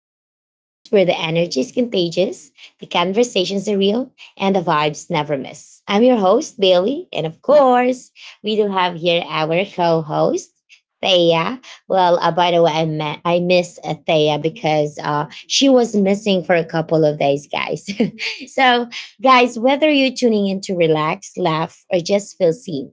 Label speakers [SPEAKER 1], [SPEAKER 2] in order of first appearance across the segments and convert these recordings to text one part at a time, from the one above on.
[SPEAKER 1] the podcast where the energy is contagious, the conversations are real, and the vibes never miss. I'm your host, Bailey, and of course, we do have here our co host, Thea. Well, by the way, I miss Thea because she was missing for a couple of days, guys. So, guys, whether you're tuning in to relax, laugh, or just feel seen,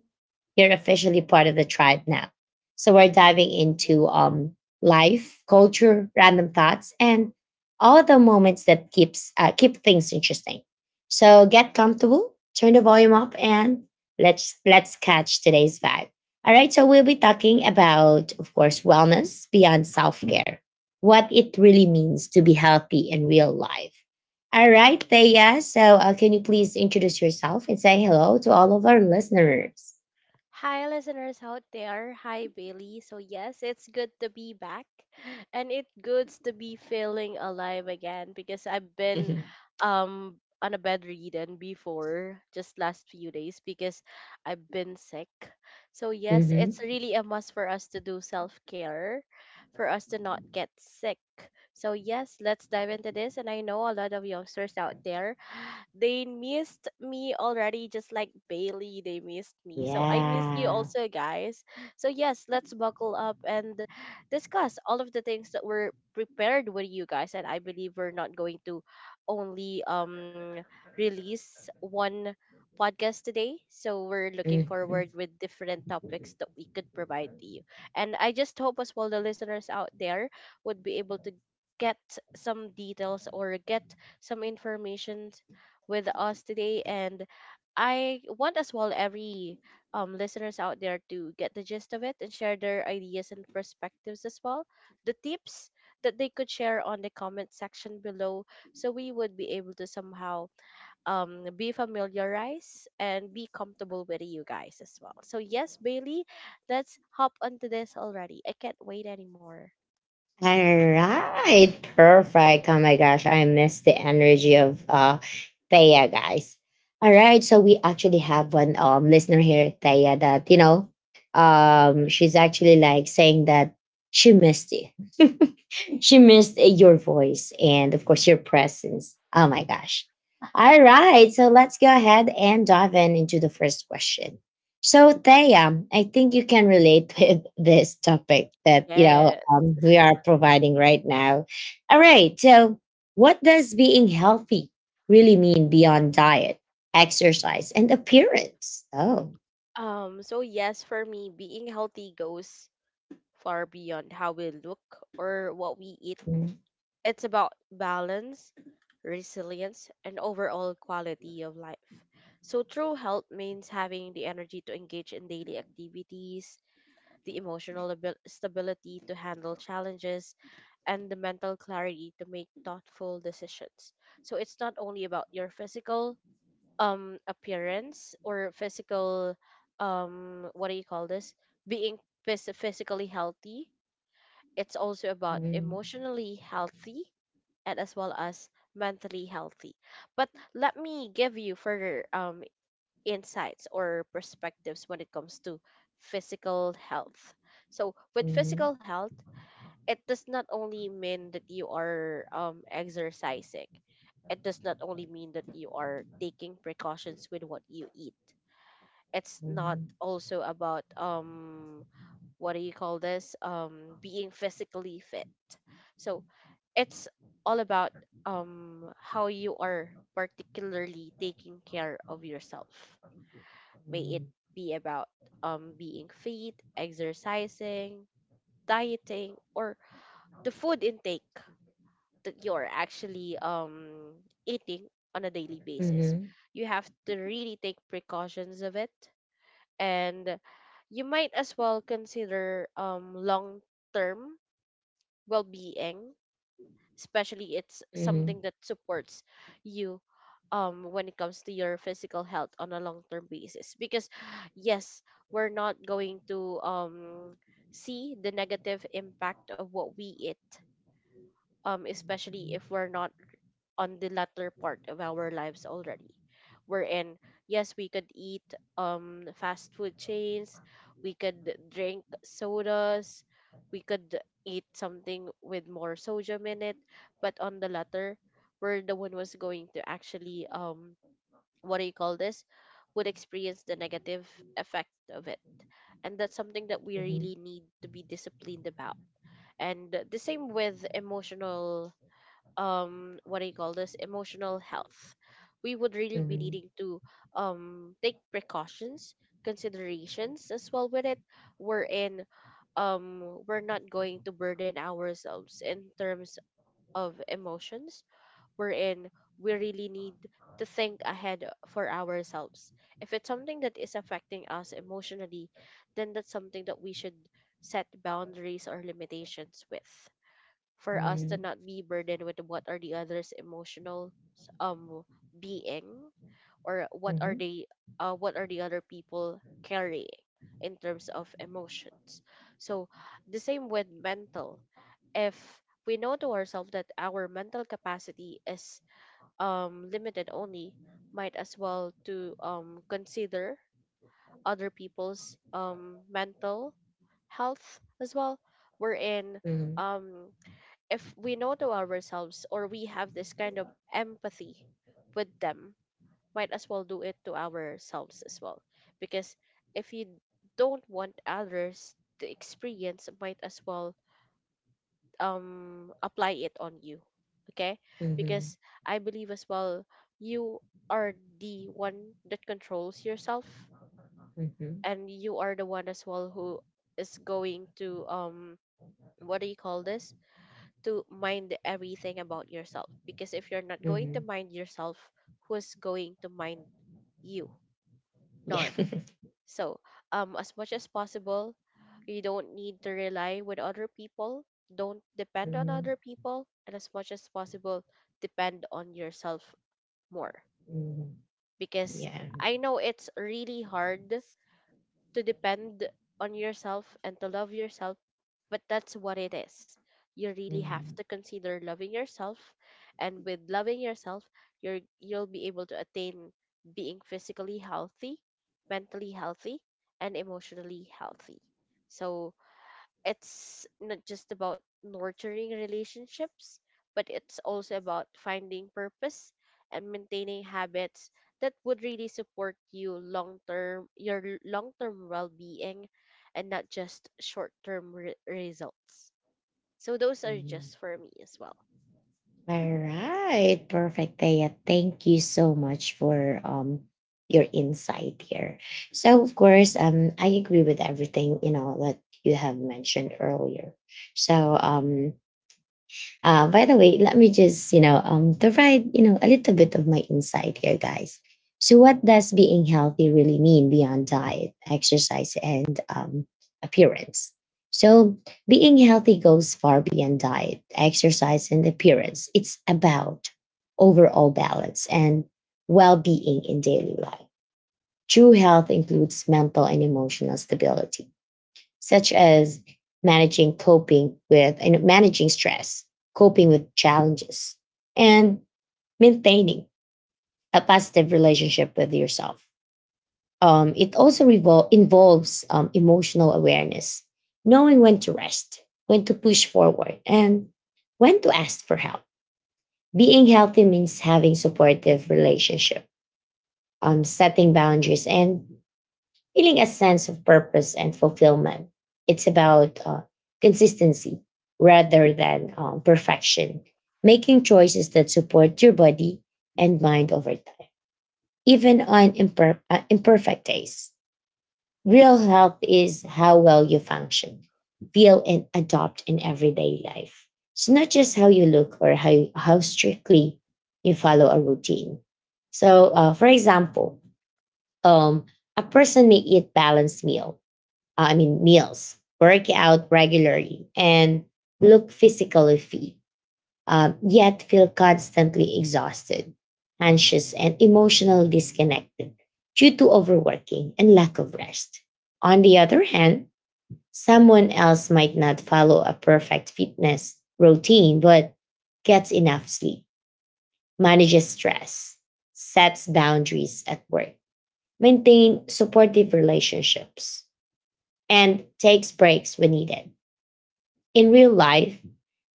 [SPEAKER 1] you're officially part of the tribe now. So we're diving into life, culture, random thoughts, and all the moments that keep things interesting. So get comfortable, turn the volume up, and let's catch today's vibe. All right, so we'll be talking about, of course, wellness beyond self care, what it really means to be healthy in real life. All right, Thea. So, can you please introduce yourself and say hello to all of our listeners?
[SPEAKER 2] Hi, listeners out there. Hi, Bailey. So, yes, it's good to be back, and it's good to be feeling alive again because I've been on a bedridden before just last few days because I've been sick. So, yes,
[SPEAKER 1] Hmm.
[SPEAKER 2] it's really a must for us to do self care for us to not get sick. So, yes, let's dive into this. And I know a lot of youngsters out there they missed me already, just like Bailey, they missed me. So I miss you
[SPEAKER 1] Yeah.
[SPEAKER 2] also, guys. So, yes, let's buckle up and discuss all of the things that were prepared with you guys. And I believe we're not going to only release one podcast today. So we're looking
[SPEAKER 1] Mhm.
[SPEAKER 2] forward with different topics that we could provide to you. And I just hope as well the listeners out there would be able to get some details or get some information with us today. And I want as well every listeners out there to get the gist of it and share their ideas and perspectives as well. The tips that they could share on the comment section below so we would be able to somehow be familiarized and be comfortable with you guys as well. So, yes, Bailey, let's hop onto this already. I can't wait anymore.
[SPEAKER 1] All right, perfect. Oh my gosh, I miss the energy of Thea, guys. All right, so we actually have one listener here, Thea, that she's actually like saying that she missed you. She missed your voice and, of course, your presence. Oh my gosh. All right. So let's go ahead and dive in into the first question. So, Thea, I think you can relate with this topic that,
[SPEAKER 2] Yes.
[SPEAKER 1] we are providing right now. All right. So, what does being healthy really mean beyond diet, exercise, and appearance? Oh.
[SPEAKER 2] So yes, for me, being healthy goes far beyond how we look or what we eat.
[SPEAKER 1] Mhm.
[SPEAKER 2] It's about balance, resilience, and overall quality of life. So, true health means having the energy to engage in daily activities, the stability to handle challenges, and the mental clarity to make thoughtful decisions. So, it's not only about your physical appearance or physical what do you call this, being physically healthy, it's also about
[SPEAKER 1] Mhm.
[SPEAKER 2] emotionally healthy and as well as mentally healthy. But let me give you further insights or perspectives when it comes to physical health. So, with
[SPEAKER 1] Mhm.
[SPEAKER 2] physical health, it does not only mean that you are exercising, it does not only mean that you are taking precautions with what you eat. It's not
[SPEAKER 1] Mhm.
[SPEAKER 2] also about what do you call this, being physically fit. So it's all about how you are particularly taking care of yourself, may it be about being fit, exercising, dieting, or the food intake that you're actually eating on a daily
[SPEAKER 1] Mhm.
[SPEAKER 2] basis.
[SPEAKER 1] Mhm.
[SPEAKER 2] You have to really take precautions of it, and you might as well consider long term well-being, especially it's
[SPEAKER 1] Mhm.
[SPEAKER 2] something that supports you when it comes to your physical health on a long-term basis. Because yes, we're not going to see the negative impact of what we eat, especially if we're not on the latter part of our lives already. Wherein, yes, we could eat fast food chains, we could drink sodas, we could eat something with more sodium in it, but on the latter, we're the one was going to actually what do you call this? Would experience the negative effect of it. And that's something that we
[SPEAKER 1] Mhm.
[SPEAKER 2] really need to be disciplined about. And the same with emotional, what do you call this, emotional health. We would really be
[SPEAKER 1] Mhm.
[SPEAKER 2] needing to take precautions, considerations as well with it, wherein we're not going to burden ourselves in terms of emotions, wherein we really need to think ahead for ourselves. If it's something that is affecting us emotionally, then that's something that we should set boundaries or limitations with, for us to
[SPEAKER 1] Mhm.
[SPEAKER 2] not be burdened with what are the others emotional um being, or what are
[SPEAKER 1] Mhm.
[SPEAKER 2] they, what are the other people carrying in terms of emotions. So the same with mental, if we know to ourselves that our mental capacity is limited only, might as well to consider other people's mental health as well, wherein
[SPEAKER 1] Mhm.
[SPEAKER 2] um if we know to ourselves or we have this kind of empathy with them, might as well do it to ourselves as well. Because if you don't want others to experience, might as well apply it on you. Okay?
[SPEAKER 1] Mhm.
[SPEAKER 2] Because I believe as well, you are the one that controls yourself,
[SPEAKER 1] Mhm.
[SPEAKER 2] and you are the one as well who is going to what do you call this? To mind everything about yourself, because if you're not going to
[SPEAKER 1] Mhm.
[SPEAKER 2] mind yourself, who's going to mind you?
[SPEAKER 1] Yeah.
[SPEAKER 2] None. So as much as possible, you don't need to rely with other people, don't depend on other
[SPEAKER 1] Mhm.
[SPEAKER 2] people, and as much as possible depend on yourself more.
[SPEAKER 1] Mhm.
[SPEAKER 2] Because
[SPEAKER 1] Yeah.
[SPEAKER 2] I know it's really hard to depend on yourself and to love yourself, but that's what it is. You really have
[SPEAKER 1] Mhm.
[SPEAKER 2] to consider loving yourself, and with loving yourself, you'll be able to attain being physically healthy, mentally healthy, and emotionally healthy. So it's not just about nurturing relationships, but it's also about finding purpose and maintaining habits that would really support you long term, your long term well being, and not just results. So those are
[SPEAKER 1] Mhm.
[SPEAKER 2] just for me as well.
[SPEAKER 1] All right, perfect, Thea. Thank you so much for your insight here. So of course, I agree with everything you know that you have mentioned earlier. So by the way, let me just, provide, you know, a little bit of my insight here, guys. So what does being healthy really mean beyond diet, exercise, and appearance? So being healthy goes far beyond diet, exercise, and appearance. It's about overall balance and well-being in daily life. True health includes mental and emotional stability such as managing coping with and managing stress, coping with challenges, and maintaining a positive relationship with yourself. It also revol- involves emotional awareness, knowing when to rest, when to push forward, and when to ask for help. Being healthy means having supportive relationship, setting boundaries, and feeling a sense of purpose and fulfillment. It's about consistency rather than perfection, making choices that support your body and mind over time, even on imperfect days. Real health is how well you function, feel, and adopt in everyday life. It's not just how you look or how strictly you follow a routine. So, for example, um, a person may eat balanced meal I mean, meals, work out regularly, and look physically fit, yet feel constantly exhausted, anxious, and emotionally disconnected due to overworking and lack of rest. On the other hand, someone else might not follow a perfect fitness routine, but gets enough sleep, manages stress, sets boundaries at work, maintains supportive relationships, and takes breaks when needed. In real life,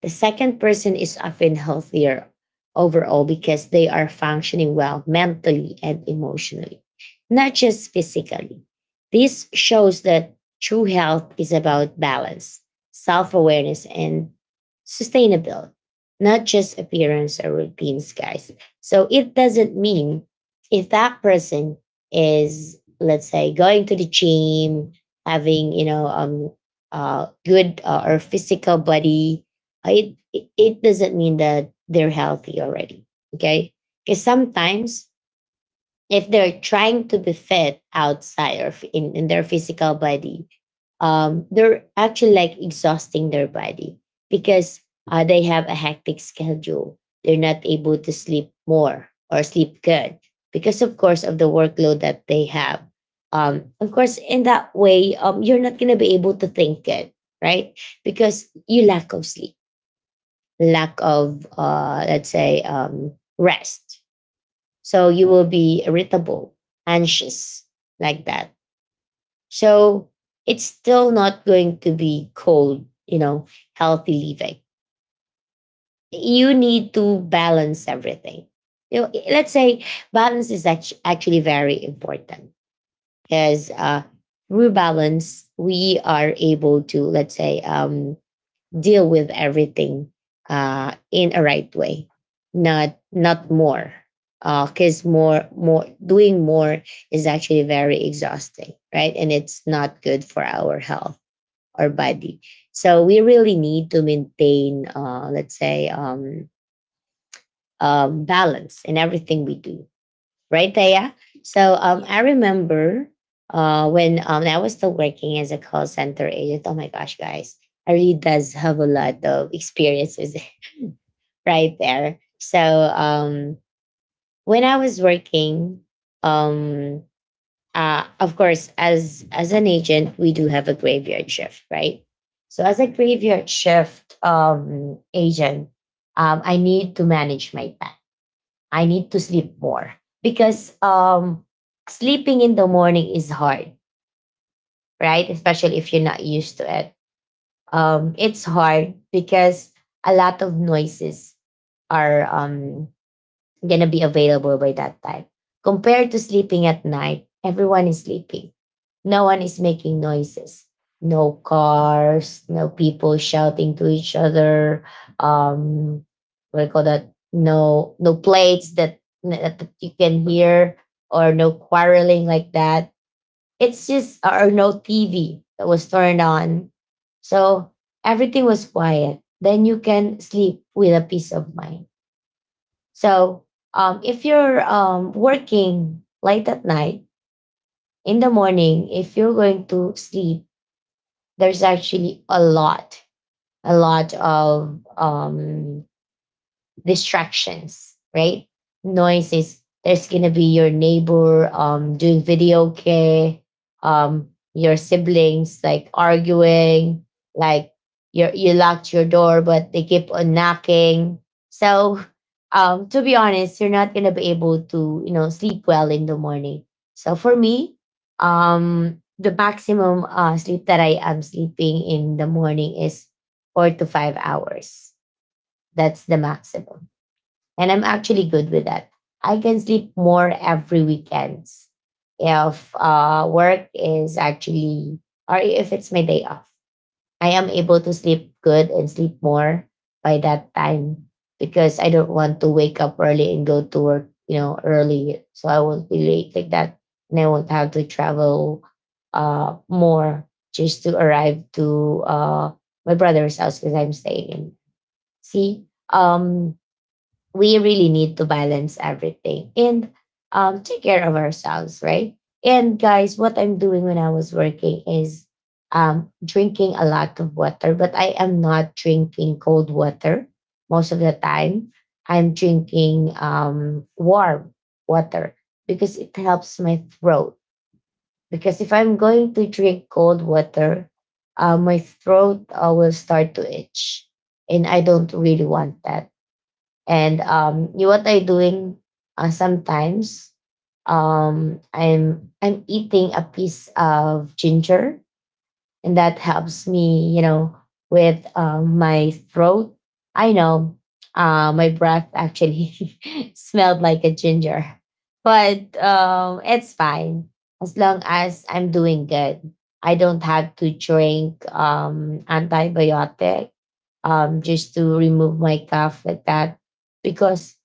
[SPEAKER 1] the second person is often healthier overall because they are functioning well mentally and emotionally, not just physically. This shows that true health is about balance, self awareness, and sustainability, not just appearance or routines, guys. So it doesn't mean if that person is, let's say, going to the gym, having, good or physical body, it doesn't mean that they're healthy already. Okay, because sometimes if they're trying to be fit outside or in their physical body, they're actually like exhausting their body because they have a hectic schedule. They're not able to sleep more or sleep good because, of course, of the workload that they have. Of course, in that way, you're not going to be able to think good, right? Because you lack of sleep, lack of, let's say, rest so you will be irritable, anxious, like that. So it's still not going to be cold, you know, healthy living. You need to balance everything. You know, let's say balance is actually very important because through balance, we are able to, let's say, deal with everything in a right way, not not more, because more more doing more is actually very exhausting, right? And it's not good for our health or body. So we really need to maintain, let's say, balance in everything we do right there. So
[SPEAKER 2] Yeah.
[SPEAKER 1] I remember when I was still working as a call center agent. Oh my gosh, guys, I really does have a lot of experiences right there. So when I was working, um, of course, as an agent, we do have a graveyard shift, right? So as a graveyard shift agent, I need to manage my time. I need to sleep more because sleeping in the morning is hard, right? Especially if you're not used to it. It's hard because a lot of noises are gonna be available by that time. Compared to sleeping at night, everyone is sleeping. No one is making noises. No cars, no people shouting to each other. Um, what do you call that? No, plates that you can hear, or no quarreling like that. It's just or no TV that was turned on. So everything was quiet. Then you can sleep with a peace of mind so if you're working late at night, in the morning, if you're going to sleep, there's actually a lot of distractions, right? Noises. There's gonna be your neighbor doing video care, your siblings like arguing, like you locked your door but they keep on knocking. So to be honest, you're not gonna be able to, you know, sleep well in the morning. So for me, the maximum sleep that I am sleeping in the morning is 4 to 5 hours. That's the maximum. And I'm actually good with that. I can sleep more every weekends if work is actually, or if it's my day off. I am able to sleep good and sleep more by that time because I don't want to wake up early and go to work, you know, early. So I won't be late like that. And I won't have to travel more just to arrive to my brother's house because I'm staying in. See, we really need to balance everything and take care of ourselves, right? And guys, what I'm doing when I was working is drinking a lot of water, but I am not drinking cold water most of the time. I'm drinking warm water because it helps my throat. Because if I'm going to drink cold water, my throat will start to itch, and I don't really want that. And you what I doing sometimes, I'm eating a piece of ginger, and that
[SPEAKER 2] Mhm.
[SPEAKER 1] helps me, you know, with my throat. I know my breath actually smelled like a ginger, but it's fine as long as I'm doing good. I don't have to drink antibiotic just to remove my cough like that because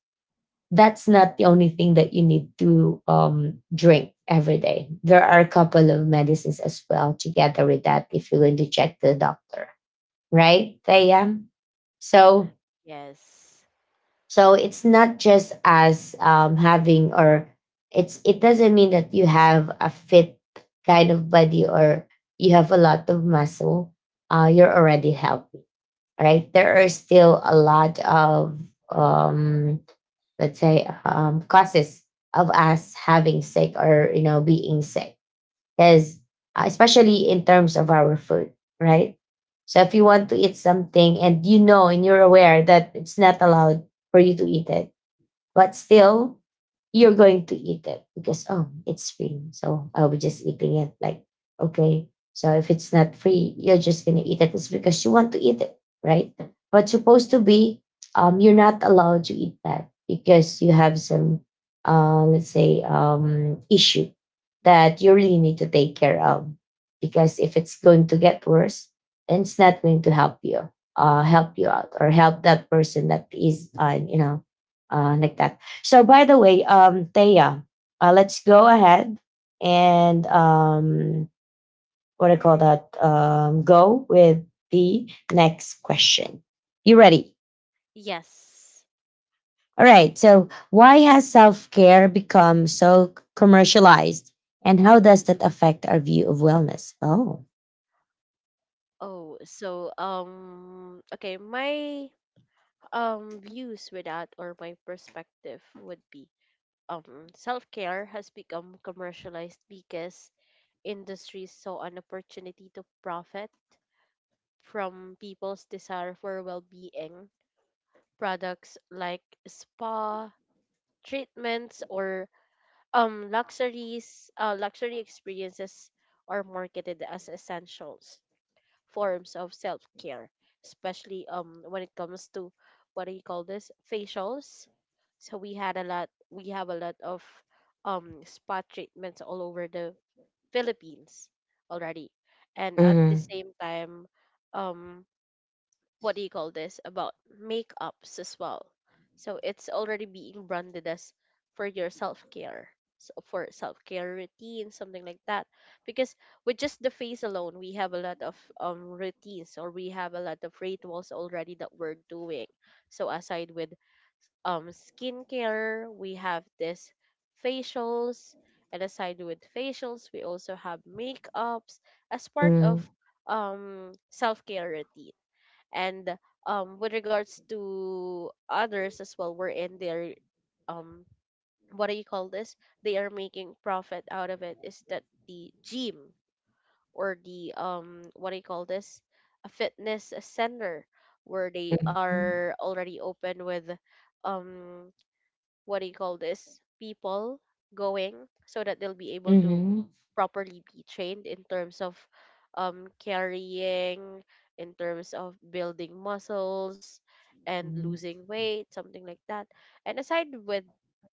[SPEAKER 1] that's not the only thing that you need to drink every day. There are a couple of medicines as well together with that if you're going to check the doctor, right? They am so
[SPEAKER 2] Yes.
[SPEAKER 1] so it's not just as having or it's it doesn't mean that you have a fit kind of body or you have a lot of muscle. You're already healthy right? There are still a lot of, um, let's say, causes of us having sick or you know being sick, because especially in terms of our food, right? So if you want to
[SPEAKER 2] Yes.
[SPEAKER 1] eat something and you know and you're aware that it's not allowed for you to eat it, but still, you're going to eat it because, oh, it's free. So I'll be just eating it. Like, okay. So if it's not free, you're just going to eat it. It's because you want to eat it, right? But supposed to
[SPEAKER 2] Yes.
[SPEAKER 1] be, you're not allowed to eat that because you have some, let's say, issue that you really need to take care of. Because if it's going to get worse, then it's not going to help you out or help that person that is you know like that. So by the way, Thea, let's go ahead and what do you call that? Go with the next question. You ready?
[SPEAKER 2] Yes.
[SPEAKER 1] All right. So why has self care become so commercialized, and how does that affect our view of wellness? Oh.
[SPEAKER 2] Oh, so okay, my views with that or my perspective would be, self care has become commercialized because industries saw an opportunity to profit from people's desire for well being. Products like spa treatments or luxuries luxury experiences are marketed as essentials forms of self care, especially when it comes to what do you call this, facials. So we had a lot. We have a lot of spa treatments all over the Philippines already, and at the
[SPEAKER 1] Mm-hmm.
[SPEAKER 2] same time, um what do you call this, about makeups as well. So it's already being branded as for your self-care, so for self-care routine, something like that. Because with just the face alone, we have a lot of routines, or we have a lot of rituals already that we're doing. So aside with skincare, we have this facials, and aside with facials we also have makeups as part of
[SPEAKER 1] Mm-hmm.
[SPEAKER 2] self-care routine. And with regards to others as well, we're in their um what do you call this, they are making profit out of it, is that the gym, or the what do you call this, a fitness center, where they are already open with um what do you call this, people going, so that they'll be able to
[SPEAKER 1] Mm-hmm.
[SPEAKER 2] properly be trained in terms of carrying, in terms of building muscles and losing weight, something like that. And aside with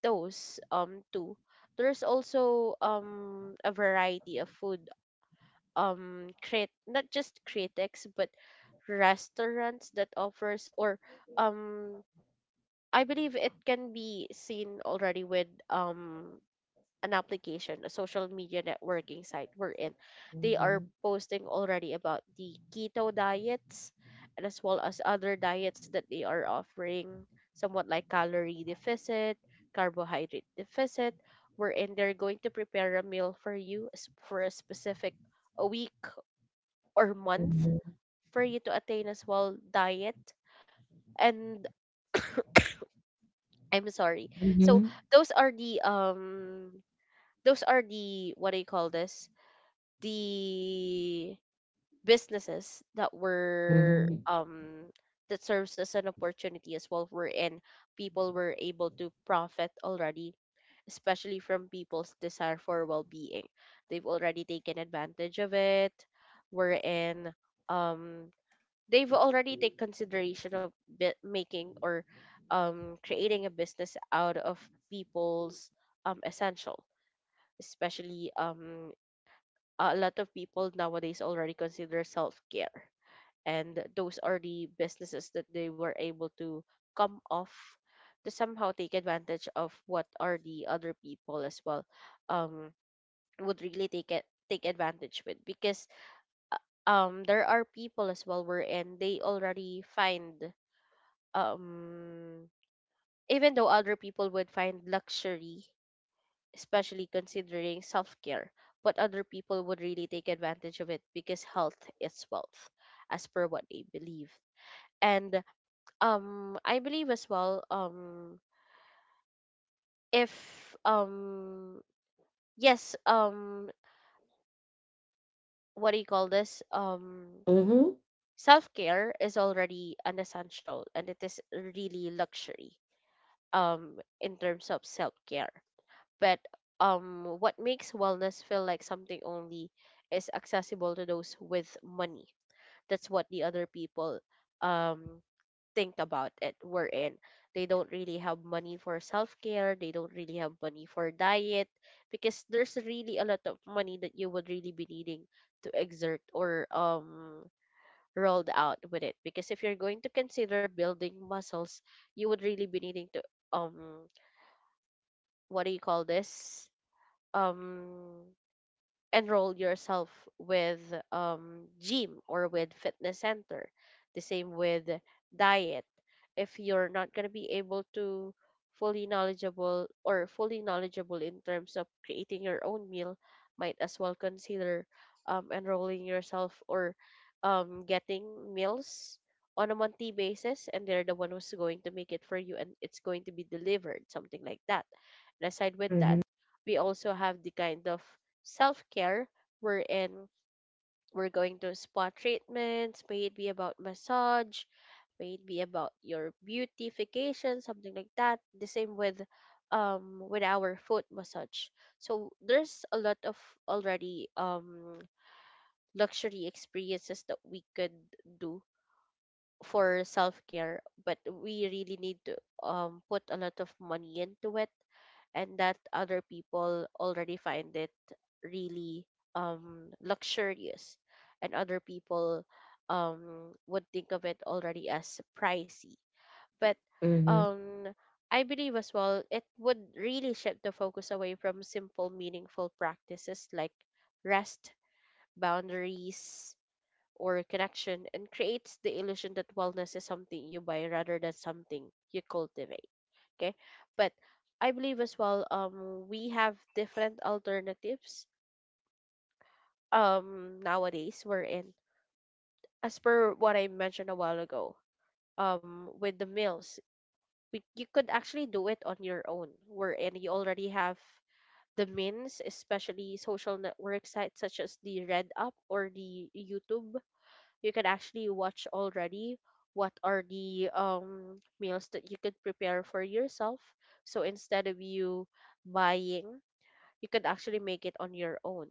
[SPEAKER 2] those two, there's also a variety of food, create not just critics but restaurants that offers, or um I believe it can be seen already with an application, a social media networking site we're in. They
[SPEAKER 1] Mm-hmm.
[SPEAKER 2] are posting already about the keto diets, and as well as other diets that they are offering, somewhat like calorie deficit, carbohydrate deficit, wherein they're going to prepare a meal for you for a specific a week or month
[SPEAKER 1] Mm-hmm.
[SPEAKER 2] for you to attain as well diet. And I'm sorry. So
[SPEAKER 1] Mm-hmm.
[SPEAKER 2] those are the um those are the what do you call this? The businesses that were
[SPEAKER 1] Mm-hmm.
[SPEAKER 2] that serves as an opportunity as well, wherein people were able to profit already, especially from people's desire for well being. They've already taken advantage of it, wherein um they've already take consideration of making or creating a business out of people's essential, especially a lot of people nowadays already consider self-care, and those are the businesses that they were able to come off, to somehow take advantage of what are the other people as well um, would really take advantage with. Because uh, there are people as well wherein they already find um even though other people would find luxury especially considering self-care, but other people would really take advantage of it because health is wealth, as per what they believe. And I believe as well, if yes, what do you call this,
[SPEAKER 1] Mm-hmm.
[SPEAKER 2] self-care is already an essential and it is really luxury in terms of self-care. But what makes wellness feel like something only is accessible to those with money. That's what the other people um think about it. We're in. They don't really have money for self care. They don't really have money for diet because there's really a lot of money that you would really be needing to exert or rolled out with it, because if you're going to consider building muscles, you would really be needing to um what do you call this um enroll yourself with gym or with fitness center. The same with diet. If you're not going to be able to fully knowledgeable or fully knowledgeable in terms of creating your own meal, might as well consider enrolling yourself or getting meals on a monthly basis, and they're the one who's going to make it for you and it's going to be delivered, something like that. And aside with
[SPEAKER 1] Mm-hmm.
[SPEAKER 2] that, we also have the kind of self-care wherein we're going to spa treatments. May it be about massage, may it be about your beautification, something like that. The same with our foot massage. So there's a lot of already luxury experiences that we could do for self care, but we really need to put a lot of money into it, and that other people already find it really luxurious, and other people would think of it already as pricey. But um I believe as well it would really shift the focus away from simple meaningful practices like rest, boundaries, or connection, and creates the illusion that wellness is something you buy rather than something you cultivate. Okay. But I believe as well, we have different alternatives nowadays we're in. As per what I mentioned a while ago, with the meals, you could actually do it on your own, wherein you already have the means, especially social network sites such as the Red Up or the YouTube. You can actually watch already what are the meals that you could prepare for yourself. So instead of you buying, you could actually make it on your own.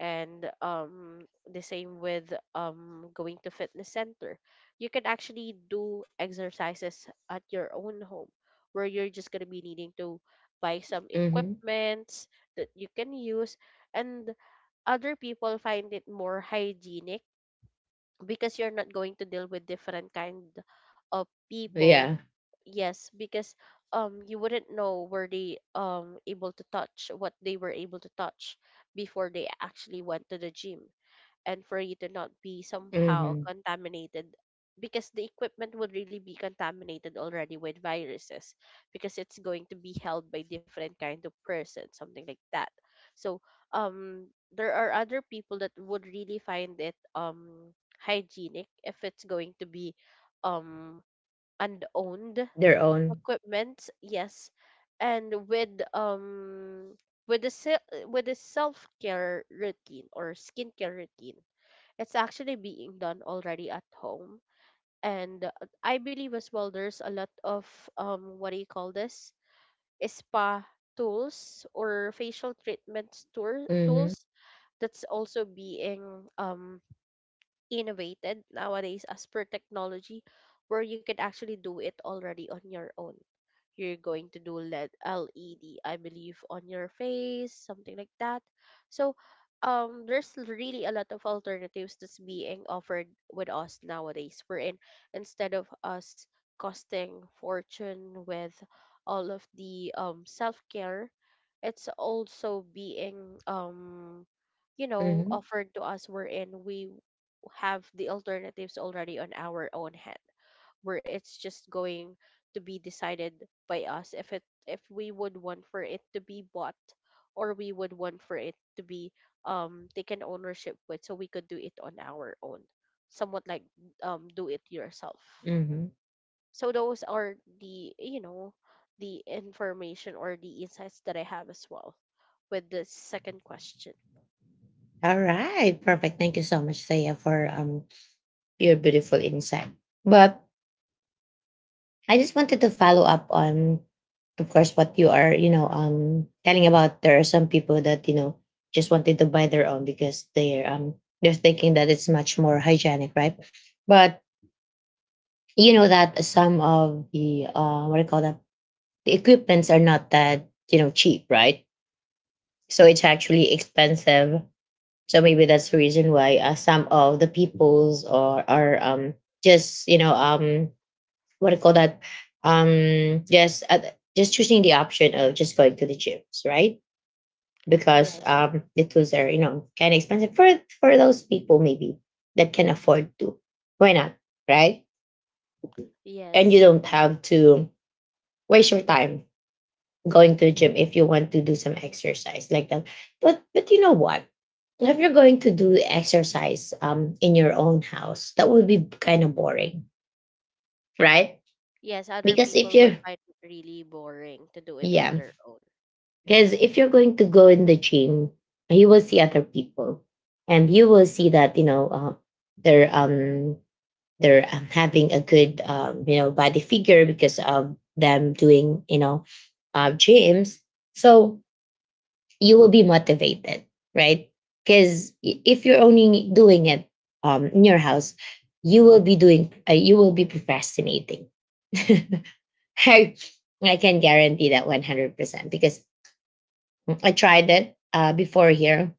[SPEAKER 2] And the same with going to fitness center, you could actually do exercises at your own home where you're just going to be needing to buy some
[SPEAKER 1] Mm-hmm.
[SPEAKER 2] equipments that you can use. And other people find it more hygienic because you're not going to deal with different kind of people.
[SPEAKER 1] Yeah.
[SPEAKER 2] Yes, because you wouldn't know were they able to touch what they were able to touch before they actually went to the gym, and for you to not be somehow
[SPEAKER 1] Mhm.
[SPEAKER 2] contaminated, because the equipment would really be contaminated already with viruses because it's going to be held by different kind of person, something like that. So um there are other people that would really find it hygienic if it's going to be um unowned
[SPEAKER 1] Their own.
[SPEAKER 2] equipment, yes. And with the with the self-care routine or skincare routine, it's actually being done already at home. And I believe as well there's a lot of what do you call this spa tools or facial treatments tour
[SPEAKER 1] Mhm.
[SPEAKER 2] tools that's also being um innovated nowadays as per technology, where you can actually do it already on your own. You're going to do LED, LED, I believe, on your face, something like that. So, there's really a lot of alternatives that's being offered with us nowadays. We're in, instead of us costing fortune with all of the self care, it's also being you know
[SPEAKER 1] Mhm.
[SPEAKER 2] offered to us. We're in we have the alternatives already on our own hand, where it's just going to be decided by us, if it if we would want for it to be bought or we would want for it to be taken ownership with, so we could do it on our own, somewhat like do it yourself.
[SPEAKER 1] Mhm.
[SPEAKER 2] So those are the you know the information or the insights that I have as well with the second question.
[SPEAKER 1] All right. Perfect. Thank you so much, Thea, for your beautiful insight. But I just wanted to follow up on, of course, what you are, telling about. There are some people that just wanted to buy their own because they're thinking that it's much more hygienic, right? But you know that some of the what do you call that, the equipments are not that cheap, right? So it's actually expensive, so maybe that's the reason why some of the peoples or are just you know what do you call that, um just uh, just choosing the option of just going to the gyms, right? Because
[SPEAKER 2] Yes.
[SPEAKER 1] the tools are, kind of expensive for those people. Maybe that can afford to, why not, right? And you
[SPEAKER 2] Yes.
[SPEAKER 1] don't have to waste your time going to the gym if you want to do some exercise like that. But you know what, if you're going to do exercise in your own house, that would be kind of boring, right?
[SPEAKER 2] Yes, other
[SPEAKER 1] because if
[SPEAKER 2] people would
[SPEAKER 1] you're
[SPEAKER 2] find it really boring to do it on
[SPEAKER 1] Yeah.
[SPEAKER 2] their own.
[SPEAKER 1] Because if you're going to go in the gym, you will see other people, and you will see that they're um they're having a good body figure because of them doing, gyms. So you will be motivated, right? Because if you're only doing it in your house, you will be you will be procrastinating. I, I can guarantee that 100%, because I tried it before here.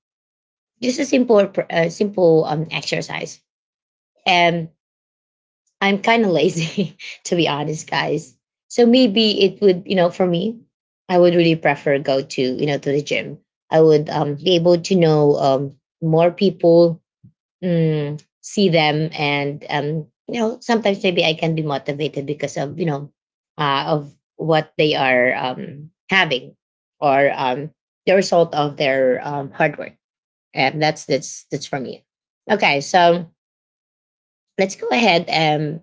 [SPEAKER 1] Just a simple exercise. And I'm kind of lazy, to be honest, guys. So maybe it would, for me, I would really prefer go to, to the gym. I would be able to know more people, see them, and, sometimes maybe I can be motivated because of, what they are having, or the result of their hard work. And that's for me. Okay, so let's go ahead and,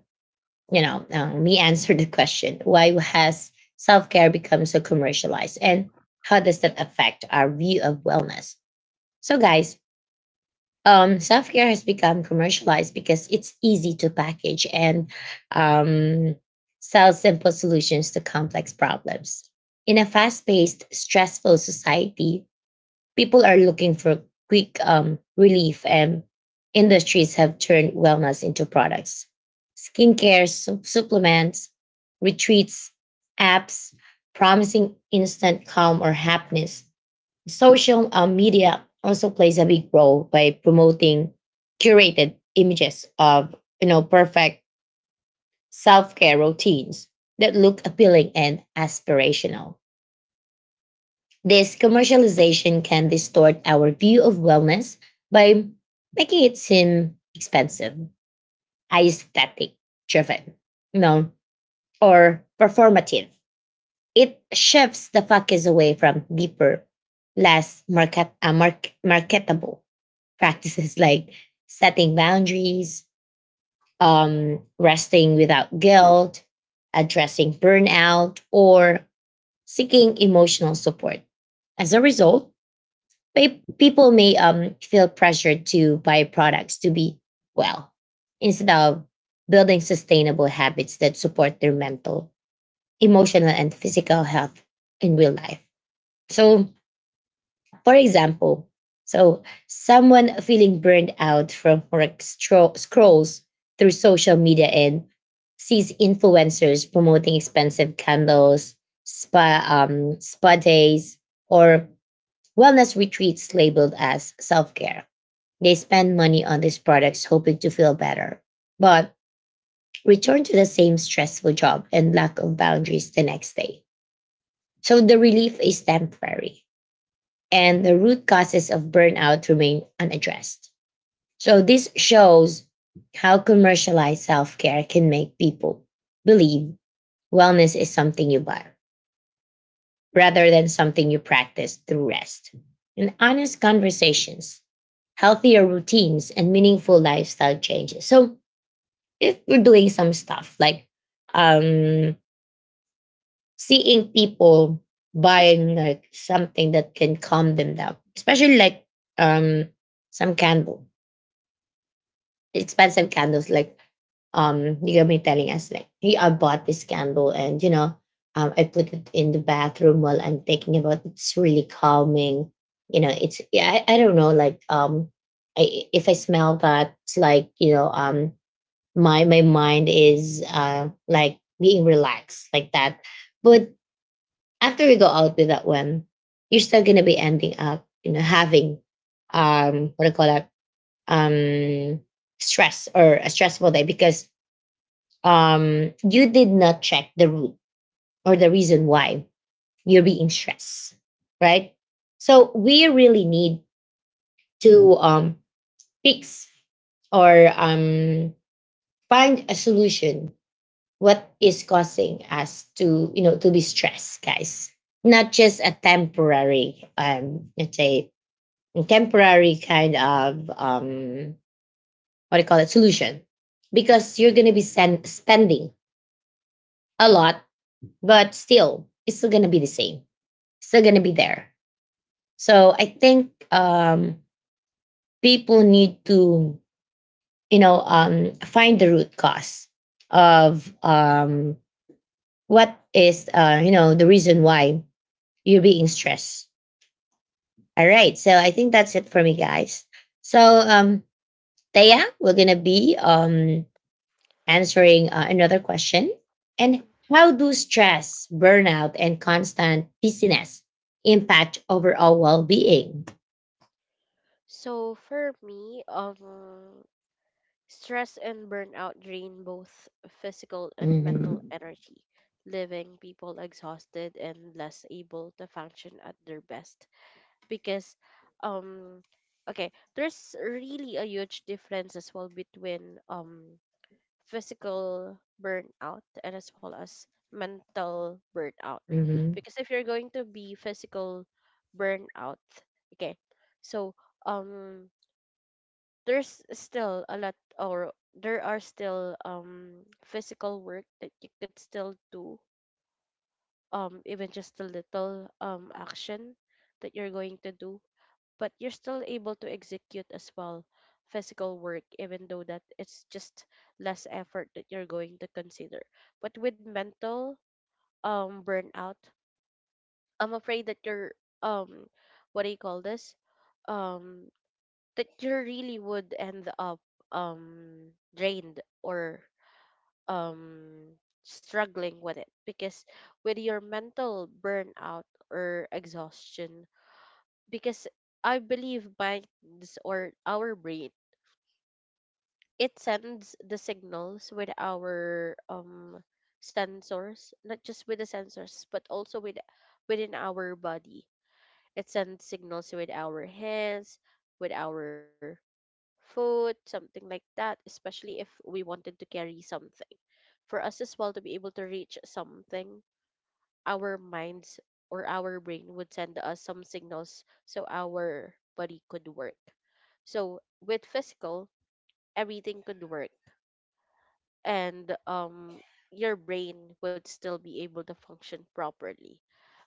[SPEAKER 1] me answer the question, why has self care become so commercialized, and how does that affect our view of wellness? So, guys, self care has become commercialized because it's easy to package and um, sell simple solutions to complex problems. In a fast paced, stressful society, people are looking for quick relief, and industries have turned wellness into products. Skincare, supplements, retreats, apps promising instant calm or happiness. Social media also plays a big role by promoting curated images of, perfect self-care routines that look appealing and aspirational. This commercialization can distort our view of wellness by making it seem expensive, aesthetic driven, you know, or performative. It shifts the focus away from deeper, less marketable practices like setting boundaries, resting without guilt, addressing burnout, or seeking emotional support. As a result, people may feel pressured to buy products to be well, instead of building sustainable habits that support their mental, emotional, and physical health in real life. So, for example, so someone feeling burned out from work scrolls through social media and sees influencers promoting expensive candles, spa days, or wellness retreats labeled as self care. They spend money on these products hoping to feel better, but return to the same stressful job and lack of boundaries the next day. So the relief is temporary and the root causes of burnout remain unaddressed. So this shows how commercialized self care can make people believe wellness is something you buy rather than something you practice through rest and honest conversations, healthier routines, and meaningful lifestyle changes. So if we're doing some stuff like um seeing people buying like something that can calm them down, especially like um some candle expensive candles, like you're gonna be telling us like, hey, I bought this candle, and, I put it in the bathroom while I'm thinking about it. It's really calming, it's, yeah, I don't know, like if I smell that, it's like, my my mind is like being relaxed like that. But after you go out with that one, you're still going to be ending up, having what do you call that, um stress or a stressful day, because you did not check the root or the reason why you're being stressed, right? So we really need to fix, or find a solution, what is causing us to you know to be stressed, guys. Not just a temporary, let's say, temporary kind of what do you call it solution, because you're going to be spending a lot, but still it's still going to be the same, still going to be there. So I think people need to, find the root cause of what is the reason why you're being stressed. All right. So I think that's it for me, guys. So, Taya, we're going to be answering another question. And how do stress, burnout, and constant busyness impact overall well being?
[SPEAKER 2] So for me, stress and burnout drain both physical and
[SPEAKER 1] Mm-hmm.
[SPEAKER 2] mental energy, leaving people exhausted and less able to function at their best. Because, um, okay, there's really a huge difference as well between physical burnout and as well as mental burnout.
[SPEAKER 1] Mm-hmm.
[SPEAKER 2] Because if you're going to be physical burnout, okay, so um there's still a lot, or there are still physical work that you could still do, even just a little action that you're going to do, but you're still able to execute as well physical work even though that it's just less effort that you're going to consider. But with mental burnout, I'm afraid that you're um what do you call this um that you really would end up drained or um struggling with it, because with your mental burnout or exhaustion, because I believe minds or our brain, it sends the signals with our sensors, not just with the sensors but also with within our body. It sends signals with our hands, with our food, something like that, especially if we wanted to carry something. For us as well to be able to reach something, our minds or our brain would send us some signals so our body could work. So with physical, everything could work, and your brain would still be able to function properly.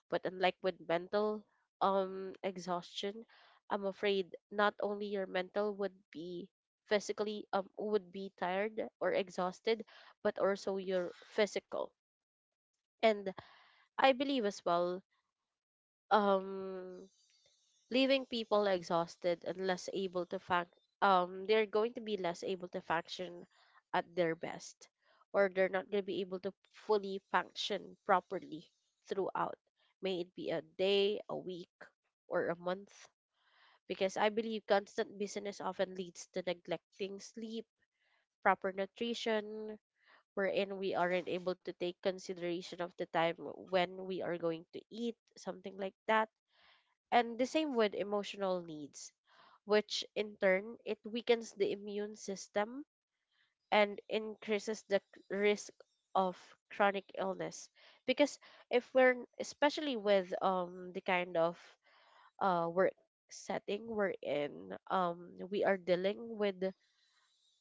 [SPEAKER 2] But unlike with mental exhaustion, I'm afraid not only your mental would be physically would be tired or exhausted, but also your physical. And I believe as well, um leaving people exhausted and less able to func they're going to be less able to function at their best, or they're not going to be able to fully function properly throughout, may it be a day, a week, or a month. Because I believe constant busyness often leads to neglecting sleep, proper nutrition, wherein we aren't able to take consideration of the time when we are going to eat, something like that, and the same with emotional needs, which in turn it weakens the immune system and increases the risk of chronic illness. Because if especially with the kind of work setting we're in, we are dealing with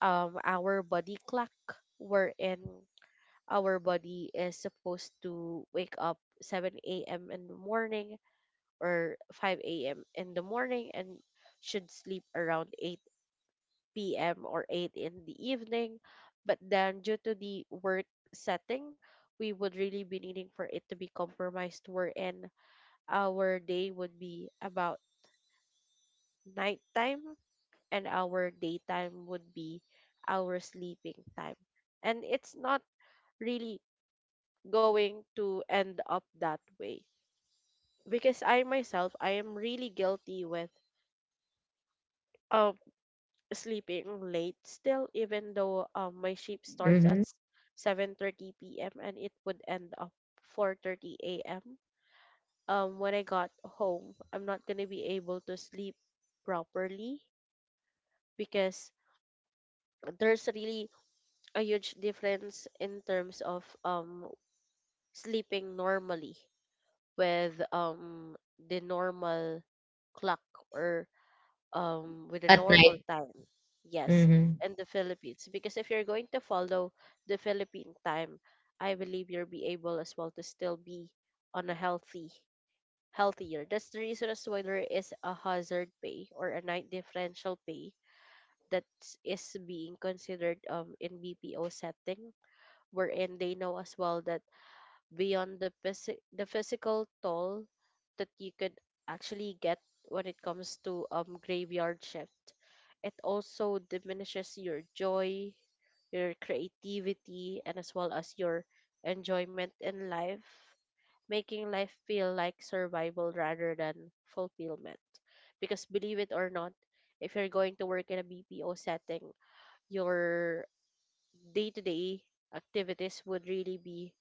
[SPEAKER 2] our body clock, wherein our body is supposed to wake up 7 a.m. in the morning or 5 a.m. in the morning, and should sleep around 8 p.m. or 8 in the evening. But then, due to the work setting, we would really be needing for it to be compromised, wherein our day would be about nighttime and our daytime would be our sleeping time. And it's not really going to end up that way because I myself I am really guilty with um, sleeping late still, even though my shift starts at
[SPEAKER 1] Mm-hmm.
[SPEAKER 2] 7:30 p.m. and it would end up 4:30 a.m. When I got home, I'm not gonna be able to sleep properly, because there's really a huge difference in terms of sleeping normally with the normal clock or with the
[SPEAKER 1] At
[SPEAKER 2] normal
[SPEAKER 1] night.
[SPEAKER 2] time. Yes,
[SPEAKER 1] Mm-hmm.
[SPEAKER 2] in the Philippines. Because if you're going to follow the Philippine time, I believe you'll be able as well to still be on a healthy, healthier. That's the reason as to why there is a hazard pay or a night differential pay that is being considered in BPO setting, wherein they know as well that beyond the, the physical toll that you could actually get when it comes to graveyard shift, it also diminishes your joy, your creativity, and as well as your enjoyment in life, making life feel like survival rather than fulfillment. Because believe it or not, if you're going to work in a BPO setting, your day-to-day activities would really be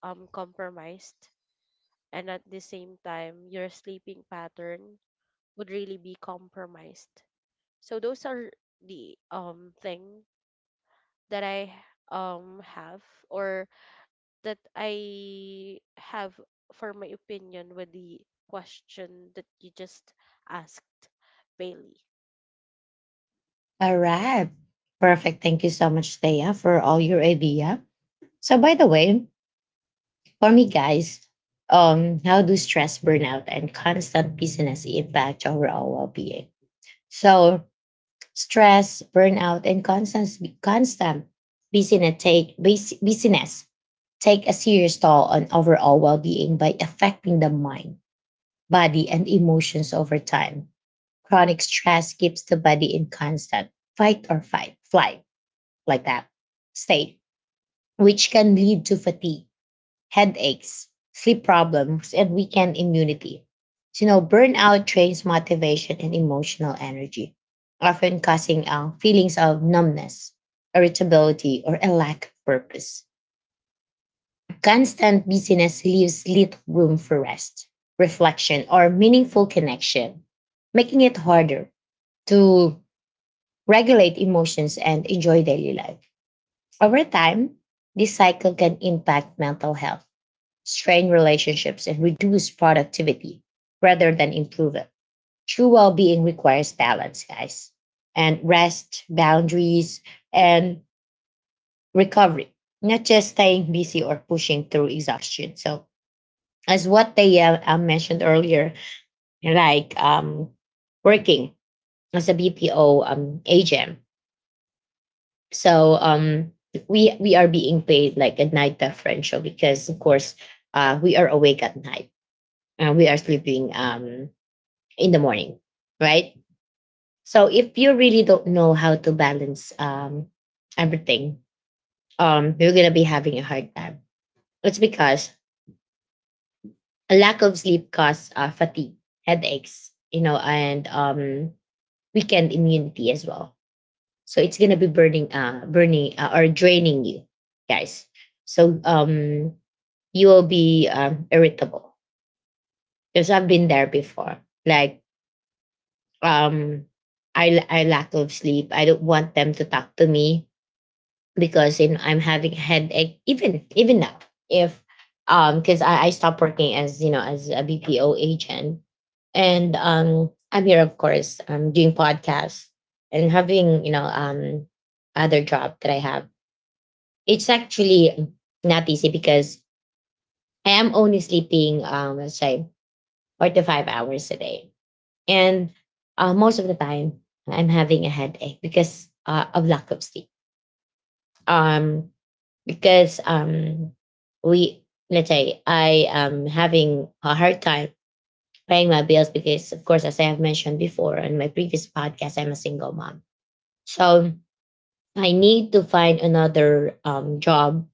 [SPEAKER 2] compromised, and at the same time your sleeping pattern would really be compromised. So those are the thing that I have, or that I have for my opinion with the question that you just asked, Bailey.
[SPEAKER 1] All right. Perfect. Thank you so much, Thea, for all your idea. So, by the way, for me, guys, how do stress, burnout, and constant busyness impact overall well-being? So, stress, burnout, and constant busyness busyness take a serious toll on overall well-being by affecting the mind, body, and emotions over time. Chronic stress keeps the body in constant fight or fight, flight, like that state, which can lead to fatigue, headaches, sleep problems, and weekend immunity. So, burnout drains motivation and emotional energy, often causing feelings of numbness, irritability, or a lack of purpose. Constant busyness leaves little room for rest, reflection, or meaningful connection, making it harder to regulate emotions and enjoy daily life. Over time, this cycle can impact mental health, strain relationships, and reduce productivity rather than improve it. True well being requires balance, guys, and rest, boundaries, and recovery, not just staying busy or pushing through exhaustion. So, as what they mentioned earlier, like, working as a BPO agent. So, we are being paid like a night differential, because of course we are awake at night and we are sleeping in the morning, right? So if you really don't know how to balance everything, you're gonna be having a hard time. It's because a lack of sleep causes fatigue, headaches, and weakened immunity as well. So it's gonna be burning, or draining you, guys. So you will be irritable because I've been there before. Like, um, I lack of sleep. I don't want them to talk to me because, I'm having headache even even now. If Because I stopped working, as you know, as a BPO agent, and I'm here, of course I'm doing podcasts and having, other job that I have. It's actually not easy because I am only sleeping, let's say, 4 to 5 hours a day. And most of the time I'm having a headache because of lack of sleep. Um because we let's say, I am having a hard time paying my bills, because of course, as I have mentioned before on my previous podcast, I'm a single mom. So I need to find another job,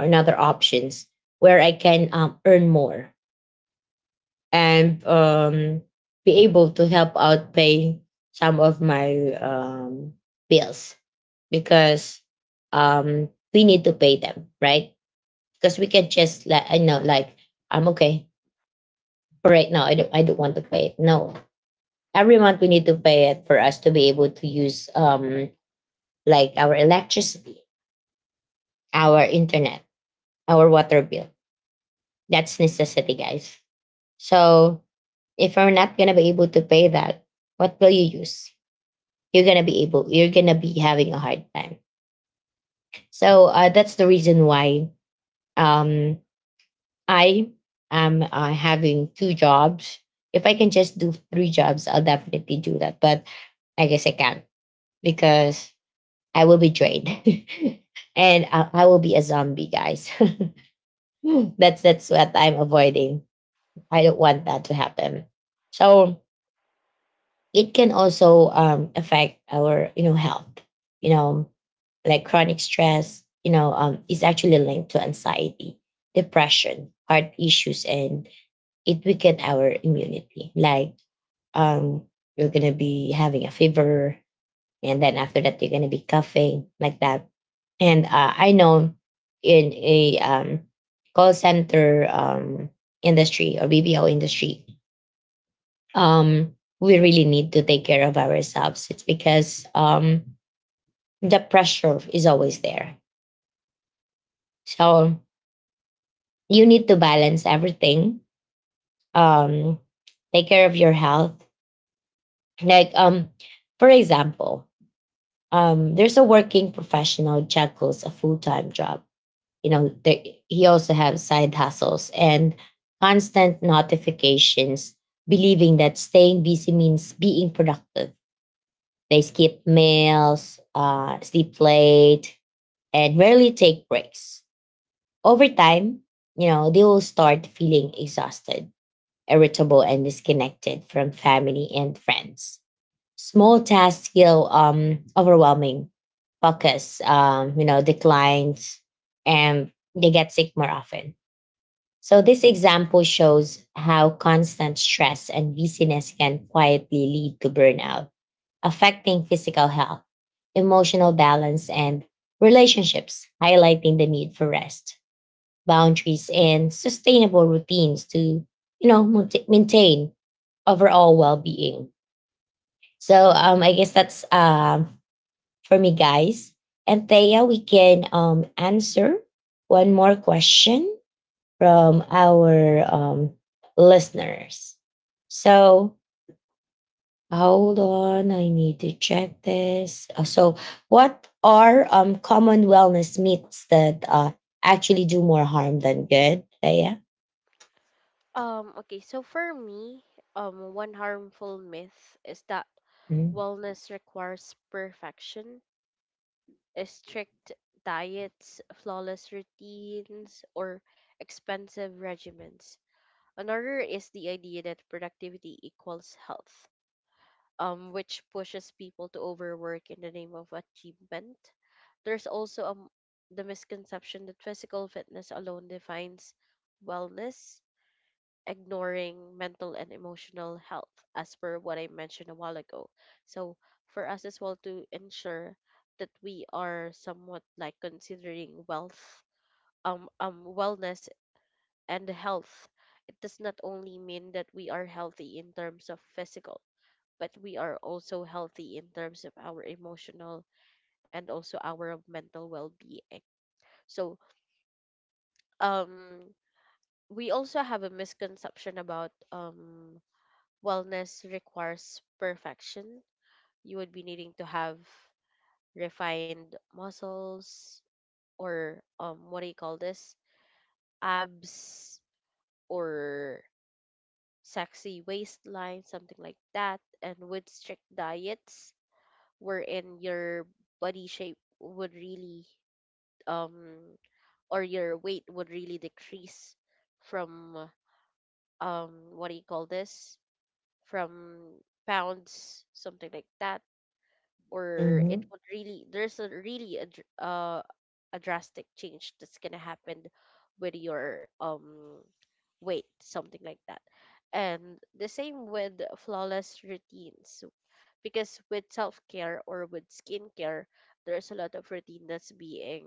[SPEAKER 1] or another options where I can earn more, and be able to help out pay some of my bills, because we need to pay them, right? Because we can just, like, I know, like, I'm okay for right now. I don't want to pay it. No, every month we need to pay it for us to be able to use, our electricity, our internet, our water bill. That's necessity, guys. So if you're not gonna be able to pay that, what will you use? You're gonna be able. You're gonna be having a hard time. So that's the reason why um I am having two jobs. If I can just do three jobs, I'll definitely do that. But I guess I can't because I will be drained, and I will be a zombie, guys. That's what I'm avoiding. I don't want that to happen. So it can also affect our health. You know, like chronic stress. Is actually linked to anxiety, depression, heart issues, and it weaken our immunity. Like um, you're gonna be having a fever, and then after that you're gonna be coughing like that. And I know in a call center industry or BBO industry, um, we really need to take care of ourselves. It's because the pressure is always there. So you need to balance everything. Um, Take care of your health. Like, for example, there's a working professional juggles a full time job. You know, there, he also has side hustles and constant notifications, believing that staying busy means being productive. They skip meals, sleep late, and rarely take breaks. Over time, they will start feeling exhausted, irritable, and disconnected from family and friends. Small tasks feel overwhelming, focus, declines, and they get sick more often. So this example shows how constant stress and busyness can quietly lead to burnout, affecting physical health, emotional balance, and relationships, highlighting the need for rest, boundaries, and sustainable routines to, maintain overall well-being. So I guess that's for me, guys. And Thea, we can answer one more question from our listeners. So hold on, I need to check this. So, what are common wellness myths that actually do more harm than good? Thea?
[SPEAKER 2] Okay, so for me, one harmful myth is that
[SPEAKER 1] Mhm.
[SPEAKER 2] wellness requires perfection, strict diets, flawless routines, or expensive regimens. Another is the idea that productivity equals health, which pushes people to overwork in the name of achievement. There's also the misconception that physical fitness alone defines wellness, ignoring mental and emotional health, as per what I mentioned a while ago. So, for us as well to ensure that we are somewhat like considering wealth, wellness and health, it does not only mean that we are healthy in terms of physical but we are also healthy in terms of our emotional and also our mental well-being. So, um, we also have a misconception about wellness requires perfection. You would be needing to have refined muscles or what do you call this? Abs or sexy waistline, something like that. And with strict diets, wherein your body shape would really um or your weight would really decrease from what do you call this from pounds, something like that, or it
[SPEAKER 1] Mhm.
[SPEAKER 2] would really there's a really a, a drastic change that's gonna happen with your weight, something like that. And the same with flawless routines, because with self-care or with skincare there's a lot of routine that's being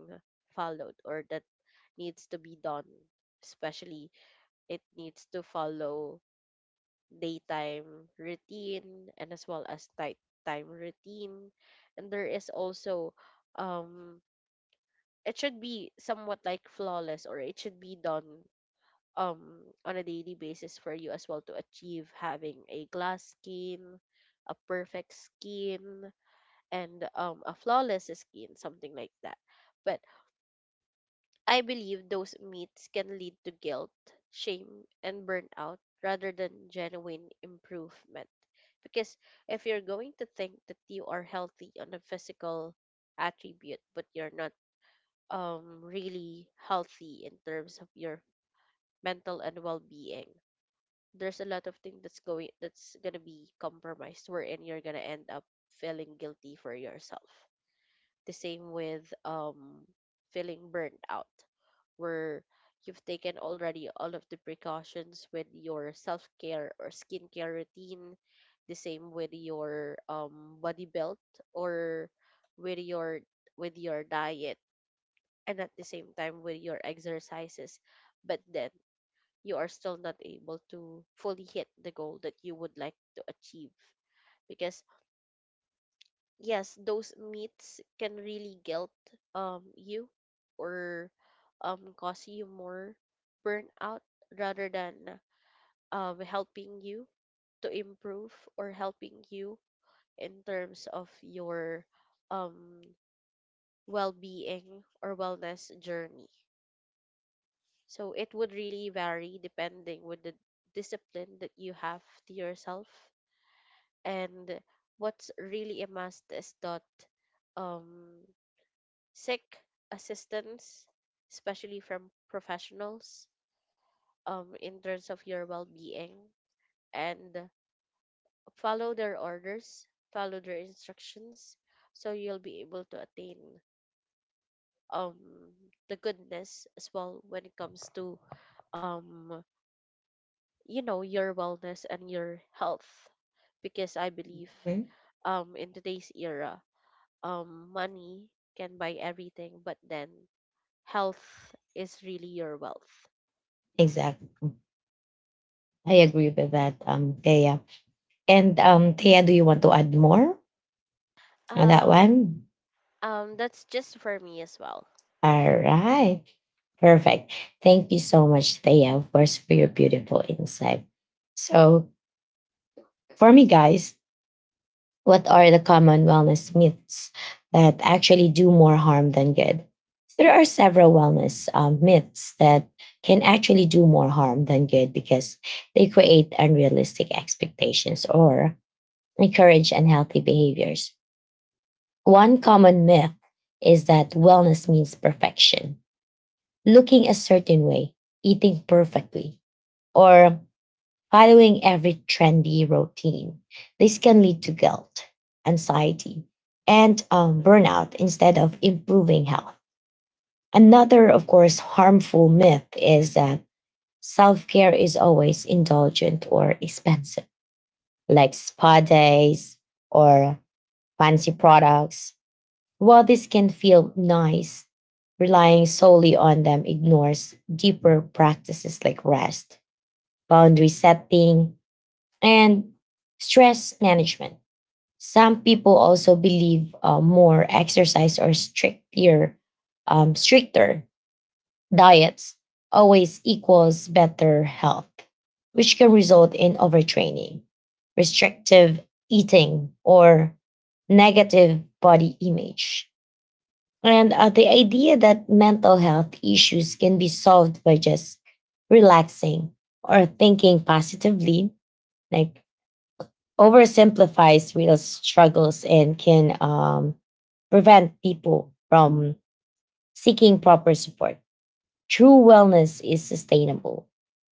[SPEAKER 2] followed or that needs to be done. Especially, it needs to follow daytime routine and as well as nighttime routine. And there is also, um, it should be somewhat like flawless, or it should be done on a daily basis for you as well, to achieve having a glass skin, a perfect skin, and a flawless skin, something like that. But I believe those myths can lead to guilt, shame, and burnout rather than genuine improvement. Because if you're going to think that you are healthy on a physical attribute, but you're not really healthy in terms of your mental and well-being, there's a lot of things that's gonna be compromised, wherein you're gonna end up feeling guilty for yourself. The same with feeling burned out, where you've taken already all of the precautions with your self care or skincare routine. The same with your body build, or with your with your diet, and at the same time with your exercises, but then you are still not able to fully hit the goal that you would like to achieve. Because yes, those myths can really guilt you, or cause you more burnout rather than helping you to improve, or helping you in terms of your um well-being or wellness journey. So it would really vary depending with the discipline that you have to yourself. And what's really a must is that, um seek assistance, especially from professionals, in terms of your well being, and follow their orders, follow their instructions, so you'll be able to attain um the goodness as well when it comes to um you know your wellness and your health. Because I believe
[SPEAKER 1] Mhm.
[SPEAKER 2] in today's era, money can buy everything, but then health is really your wealth.
[SPEAKER 1] Exactly. I agree with that, Thea. And Thea, do you want to add more on that
[SPEAKER 2] Um,
[SPEAKER 1] one?
[SPEAKER 2] that's just for me as well.
[SPEAKER 1] All right. Perfect. Thank you so much, Thea, of course, for your beautiful insight. So, for me, guys, what are the common wellness myths that actually do more harm than good? There are several wellness myths that can actually do more harm than good because they create unrealistic expectations or encourage unhealthy behaviors. One common myth is that wellness means perfection, looking a certain way, eating perfectly, or following every trendy routine. This can lead to guilt, anxiety, and burnout instead of improving health. Another, of course, harmful myth is that self care is always indulgent or expensive, like spa days or fancy products. While this can feel nice, relying solely on them ignores deeper practices like rest, boundary setting, and stress management. Some people also believe more exercise or stricter diets always equals better health, which can result in overtraining, restrictive eating, or negative body image. And the idea that mental health issues can be solved by just relaxing or thinking positively, like oversimplifies real struggles and can prevent people from seeking proper support. True wellness is sustainable,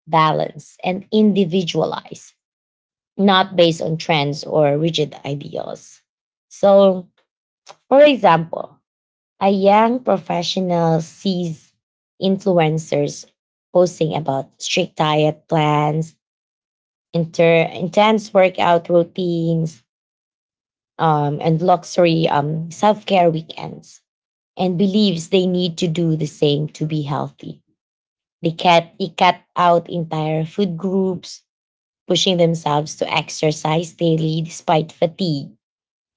[SPEAKER 1] balanced, and individualized, not based on trends or rigid ideals. So, for example, a young professional sees influencers posting about strict diet plans, intense workout routines, and luxury self care weekends and believes they need to do the same to be healthy. They cut out entire food groups, pushing themselves to exercise daily despite fatigue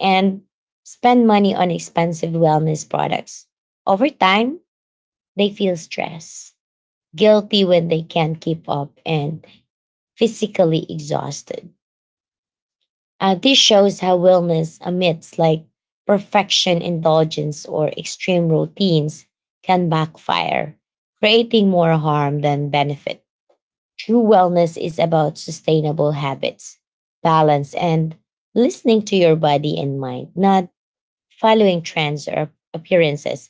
[SPEAKER 1] and spend money on expensive wellness products. Over time, they feel stressed, guilty when they can't keep up, and physically exhausted. This shows how wellness amidst like perfection indulgence or extreme routines can backfire, creating more harm than benefit. True wellness is about sustainable habits, balance, and listening to your body and mind, not following trends or appearances.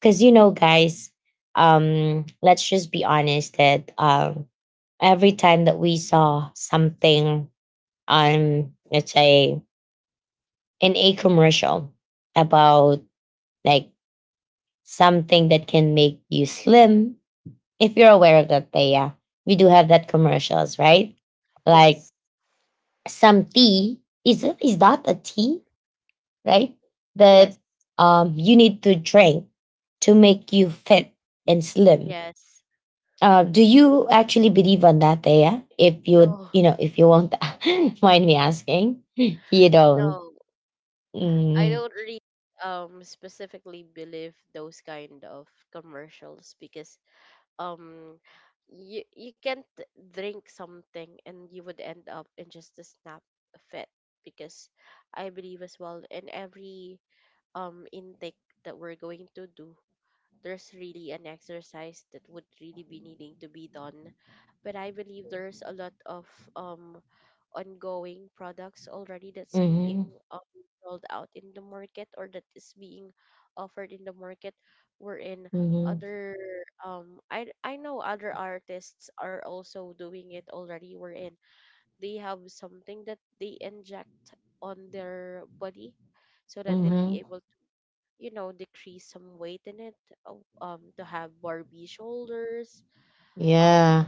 [SPEAKER 1] Because, you know, guys, let's just be honest that every time that we saw something on, let's say, in a commercial about like something that can make you slim. If you're aware of that, Thea, we do have that commercials, right? Like
[SPEAKER 2] Yes,
[SPEAKER 1] some tea, is that a tea, right? That
[SPEAKER 2] yes,
[SPEAKER 1] you need to drink to make you fit and slim.
[SPEAKER 2] yes.
[SPEAKER 1] Do you actually believe on that, Thea? If you
[SPEAKER 2] No,
[SPEAKER 1] you know if you won't mind me asking, you don't.
[SPEAKER 2] no, I
[SPEAKER 1] Mm-hmm.
[SPEAKER 2] don't really specifically believe those kind of commercials. Because um you can't drink something and you would end up in just a snap fit. Because I believe as well, in every intake that we're going to do, there's really an exercise that would really be needing to be done. But I believe there's a lot of um ongoing products already that's being
[SPEAKER 1] Mm-hmm.
[SPEAKER 2] um, rolled out in the market, or that is being offered in the market, wherein
[SPEAKER 1] Mm-hmm.
[SPEAKER 2] other I know other artists are also doing it already, wherein they have something that they inject on their body, so that they'll be
[SPEAKER 1] Mm-hmm.
[SPEAKER 2] able, you know, decrease some weight in it, uh, to have Barbie shoulders, um,
[SPEAKER 1] Yeah.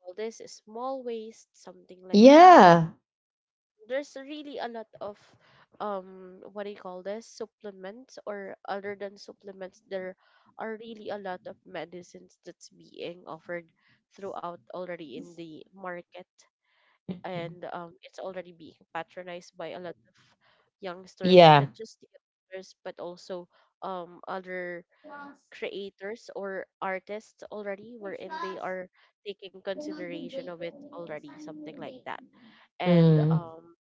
[SPEAKER 2] all this small waist, something like that.
[SPEAKER 1] Yeah.
[SPEAKER 2] There's really a lot of, what do you call this, supplements, or other than supplements, there are really a lot of medicines that's being offered throughout already in the market, and it's already being patronized by a lot of youngsters, and not
[SPEAKER 1] Yeah.
[SPEAKER 2] just the youngsters but also other creators or artists already, wherein they are taking consideration of it already, something like that. And
[SPEAKER 1] Mm.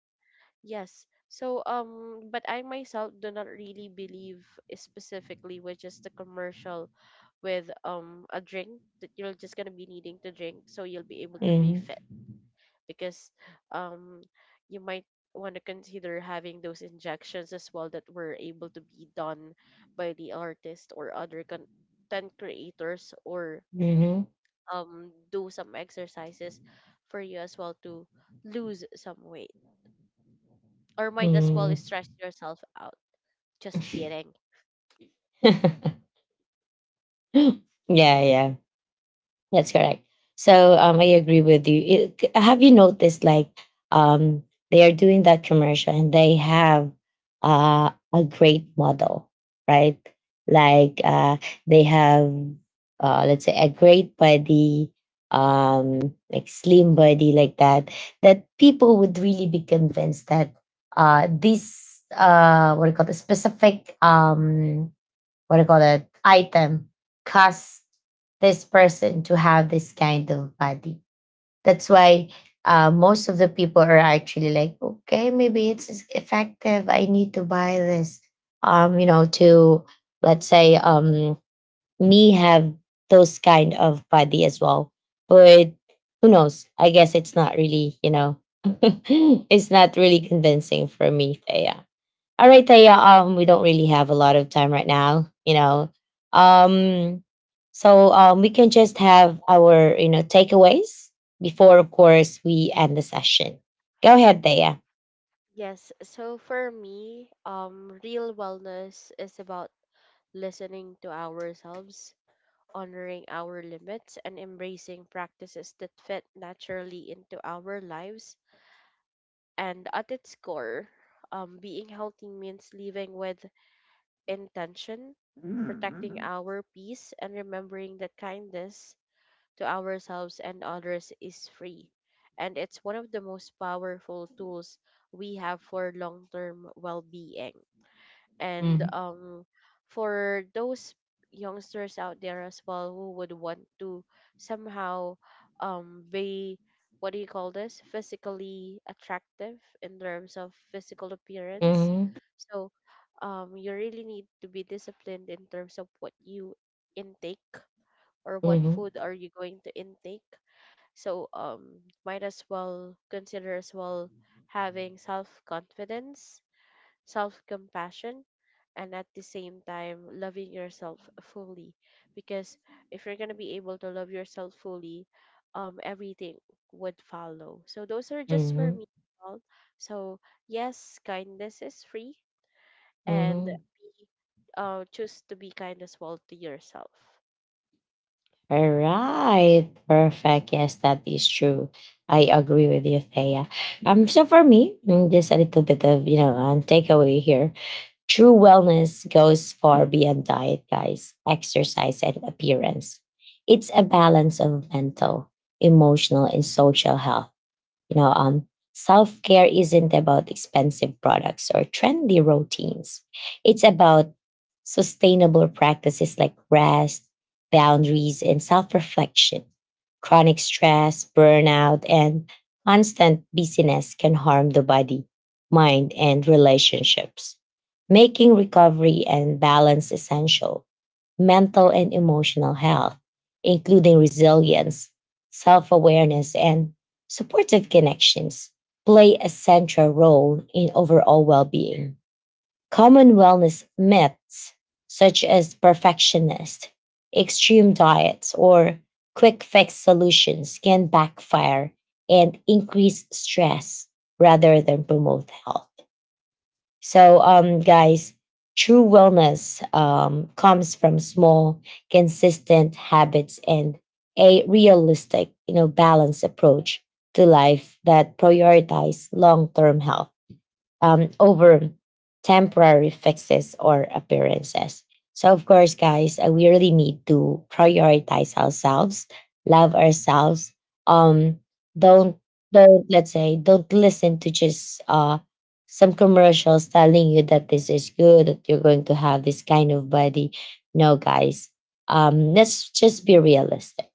[SPEAKER 2] Yes, so but I myself do not really believe specifically with just the commercial, with a drink that you're just gonna be needing to drink, so you'll be able to be
[SPEAKER 1] Mm.
[SPEAKER 2] fit. Because um you might want to consider having those injections as well that were able to be done by the artist or other content creators, or
[SPEAKER 1] Mm-hmm.
[SPEAKER 2] do some exercises for you as well to lose some weight, or might as well
[SPEAKER 1] Mm.
[SPEAKER 2] stress yourself out. Just kidding.
[SPEAKER 1] yeah, yeah. That's correct. So I agree with you. Have you noticed like um, they are doing that commercial and they have a great model, right? Like they have let's say a great body, like slim body like that, that people would really be convinced that this what do you call it, specific what do you call that item cause this person to have this kind of body. That's why most of the people are actually like, okay, maybe it's effective. I need to buy this. You know, to let's say me have those kind of body as well. But who knows? I guess it's not really, you know, it's not really convincing for me, Thea. All right, Taya. We don't really have a lot of time right now, you know. Um, so we can just have our takeaways before, of course, we end the session. Go ahead, Taya.
[SPEAKER 2] Yes, so for me, real wellness is about listening to ourselves, honoring our limits, and embracing practices that fit naturally into our lives. And at its core, being healthy means living with intention, protecting our peace, and remembering that kindness to ourselves and others is free. And it's one of the most powerful tools we have for long term well being. And
[SPEAKER 1] Mm-hmm.
[SPEAKER 2] For those youngsters out there as well who would want to somehow be, what do you call this, physically attractive in terms of physical appearance,
[SPEAKER 1] Mm-hmm.
[SPEAKER 2] so you really need to be disciplined in terms of what you intake, or what food
[SPEAKER 1] Mm-hmm.
[SPEAKER 2] are you going to intake. So might as well consider as well having self confidence, self compassion, and at the same time, loving yourself fully. Because if you're going to be able to love yourself fully, everything would follow. So, those are just for
[SPEAKER 1] Mm-hmm.
[SPEAKER 2] me. All. So, yes, kindness is free, and be,
[SPEAKER 1] Mm-hmm.
[SPEAKER 2] choose to be kind as well to yourself.
[SPEAKER 1] All right, perfect. Yes, that is true. I agree with you, Thea. So for me, just a little bit of takeaway here. True wellness goes far beyond diet, guys, exercise, and appearance. It's a balance of mental, emotional, and social health. you know, um, Self care isn't about expensive products or trendy routines. It's about sustainable practices like rest, boundaries, and self reflection. Chronic stress, burnout, and constant busyness can harm the body, mind, and relationships, making recovery and balance essential. Mental and emotional health, including resilience, self awareness, and supportive connections, play a central role in overall well being. Common wellness myths, such as perfectionist, extreme diets, or quick fix solutions, can backfire and increase stress rather than promote health. So, guys, true wellness comes from small, consistent habits and a realistic, balanced approach to life that prioritize long-term health over temporary fixes or appearances. So, of course, guys, we really need to prioritize ourselves, love ourselves. Um, don't don't let's say don't listen to just some commercials telling you that this is good, that you're going to have this kind of body. No, guys, let's just be realistic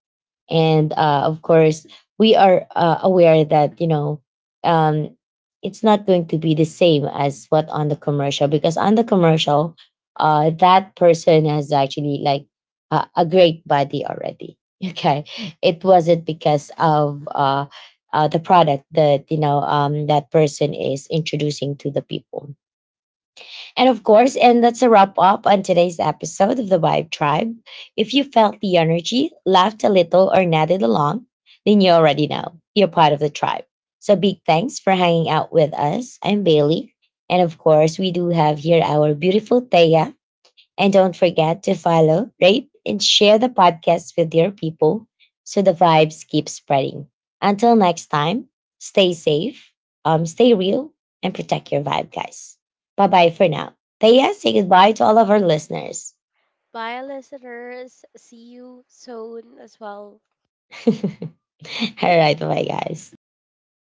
[SPEAKER 1] and of course we are aware that um, it's not going to be the same as what on the commercial, because on the commercial that person has actually like a great body already. okay, it wasn't because of the product that that person is introducing to the people. And of course, and that's a wrap up on today's episode of the Vibe Tribe. If you felt the energy, laughed a little, or nodded along, then you already know you're part of the tribe. So big thanks for hanging out with us. I'm Bailey. And of course, we do have here our beautiful Thea. And don't forget to follow, rate, and share the podcast with your people so the vibes keep spreading. Until next time, stay safe, stay real, and protect your vibe, guys. Bye bye for now. Thea, say goodbye to all of our listeners.
[SPEAKER 2] Bye, listeners. See you soon as well.
[SPEAKER 1] all right, bye bye, guys.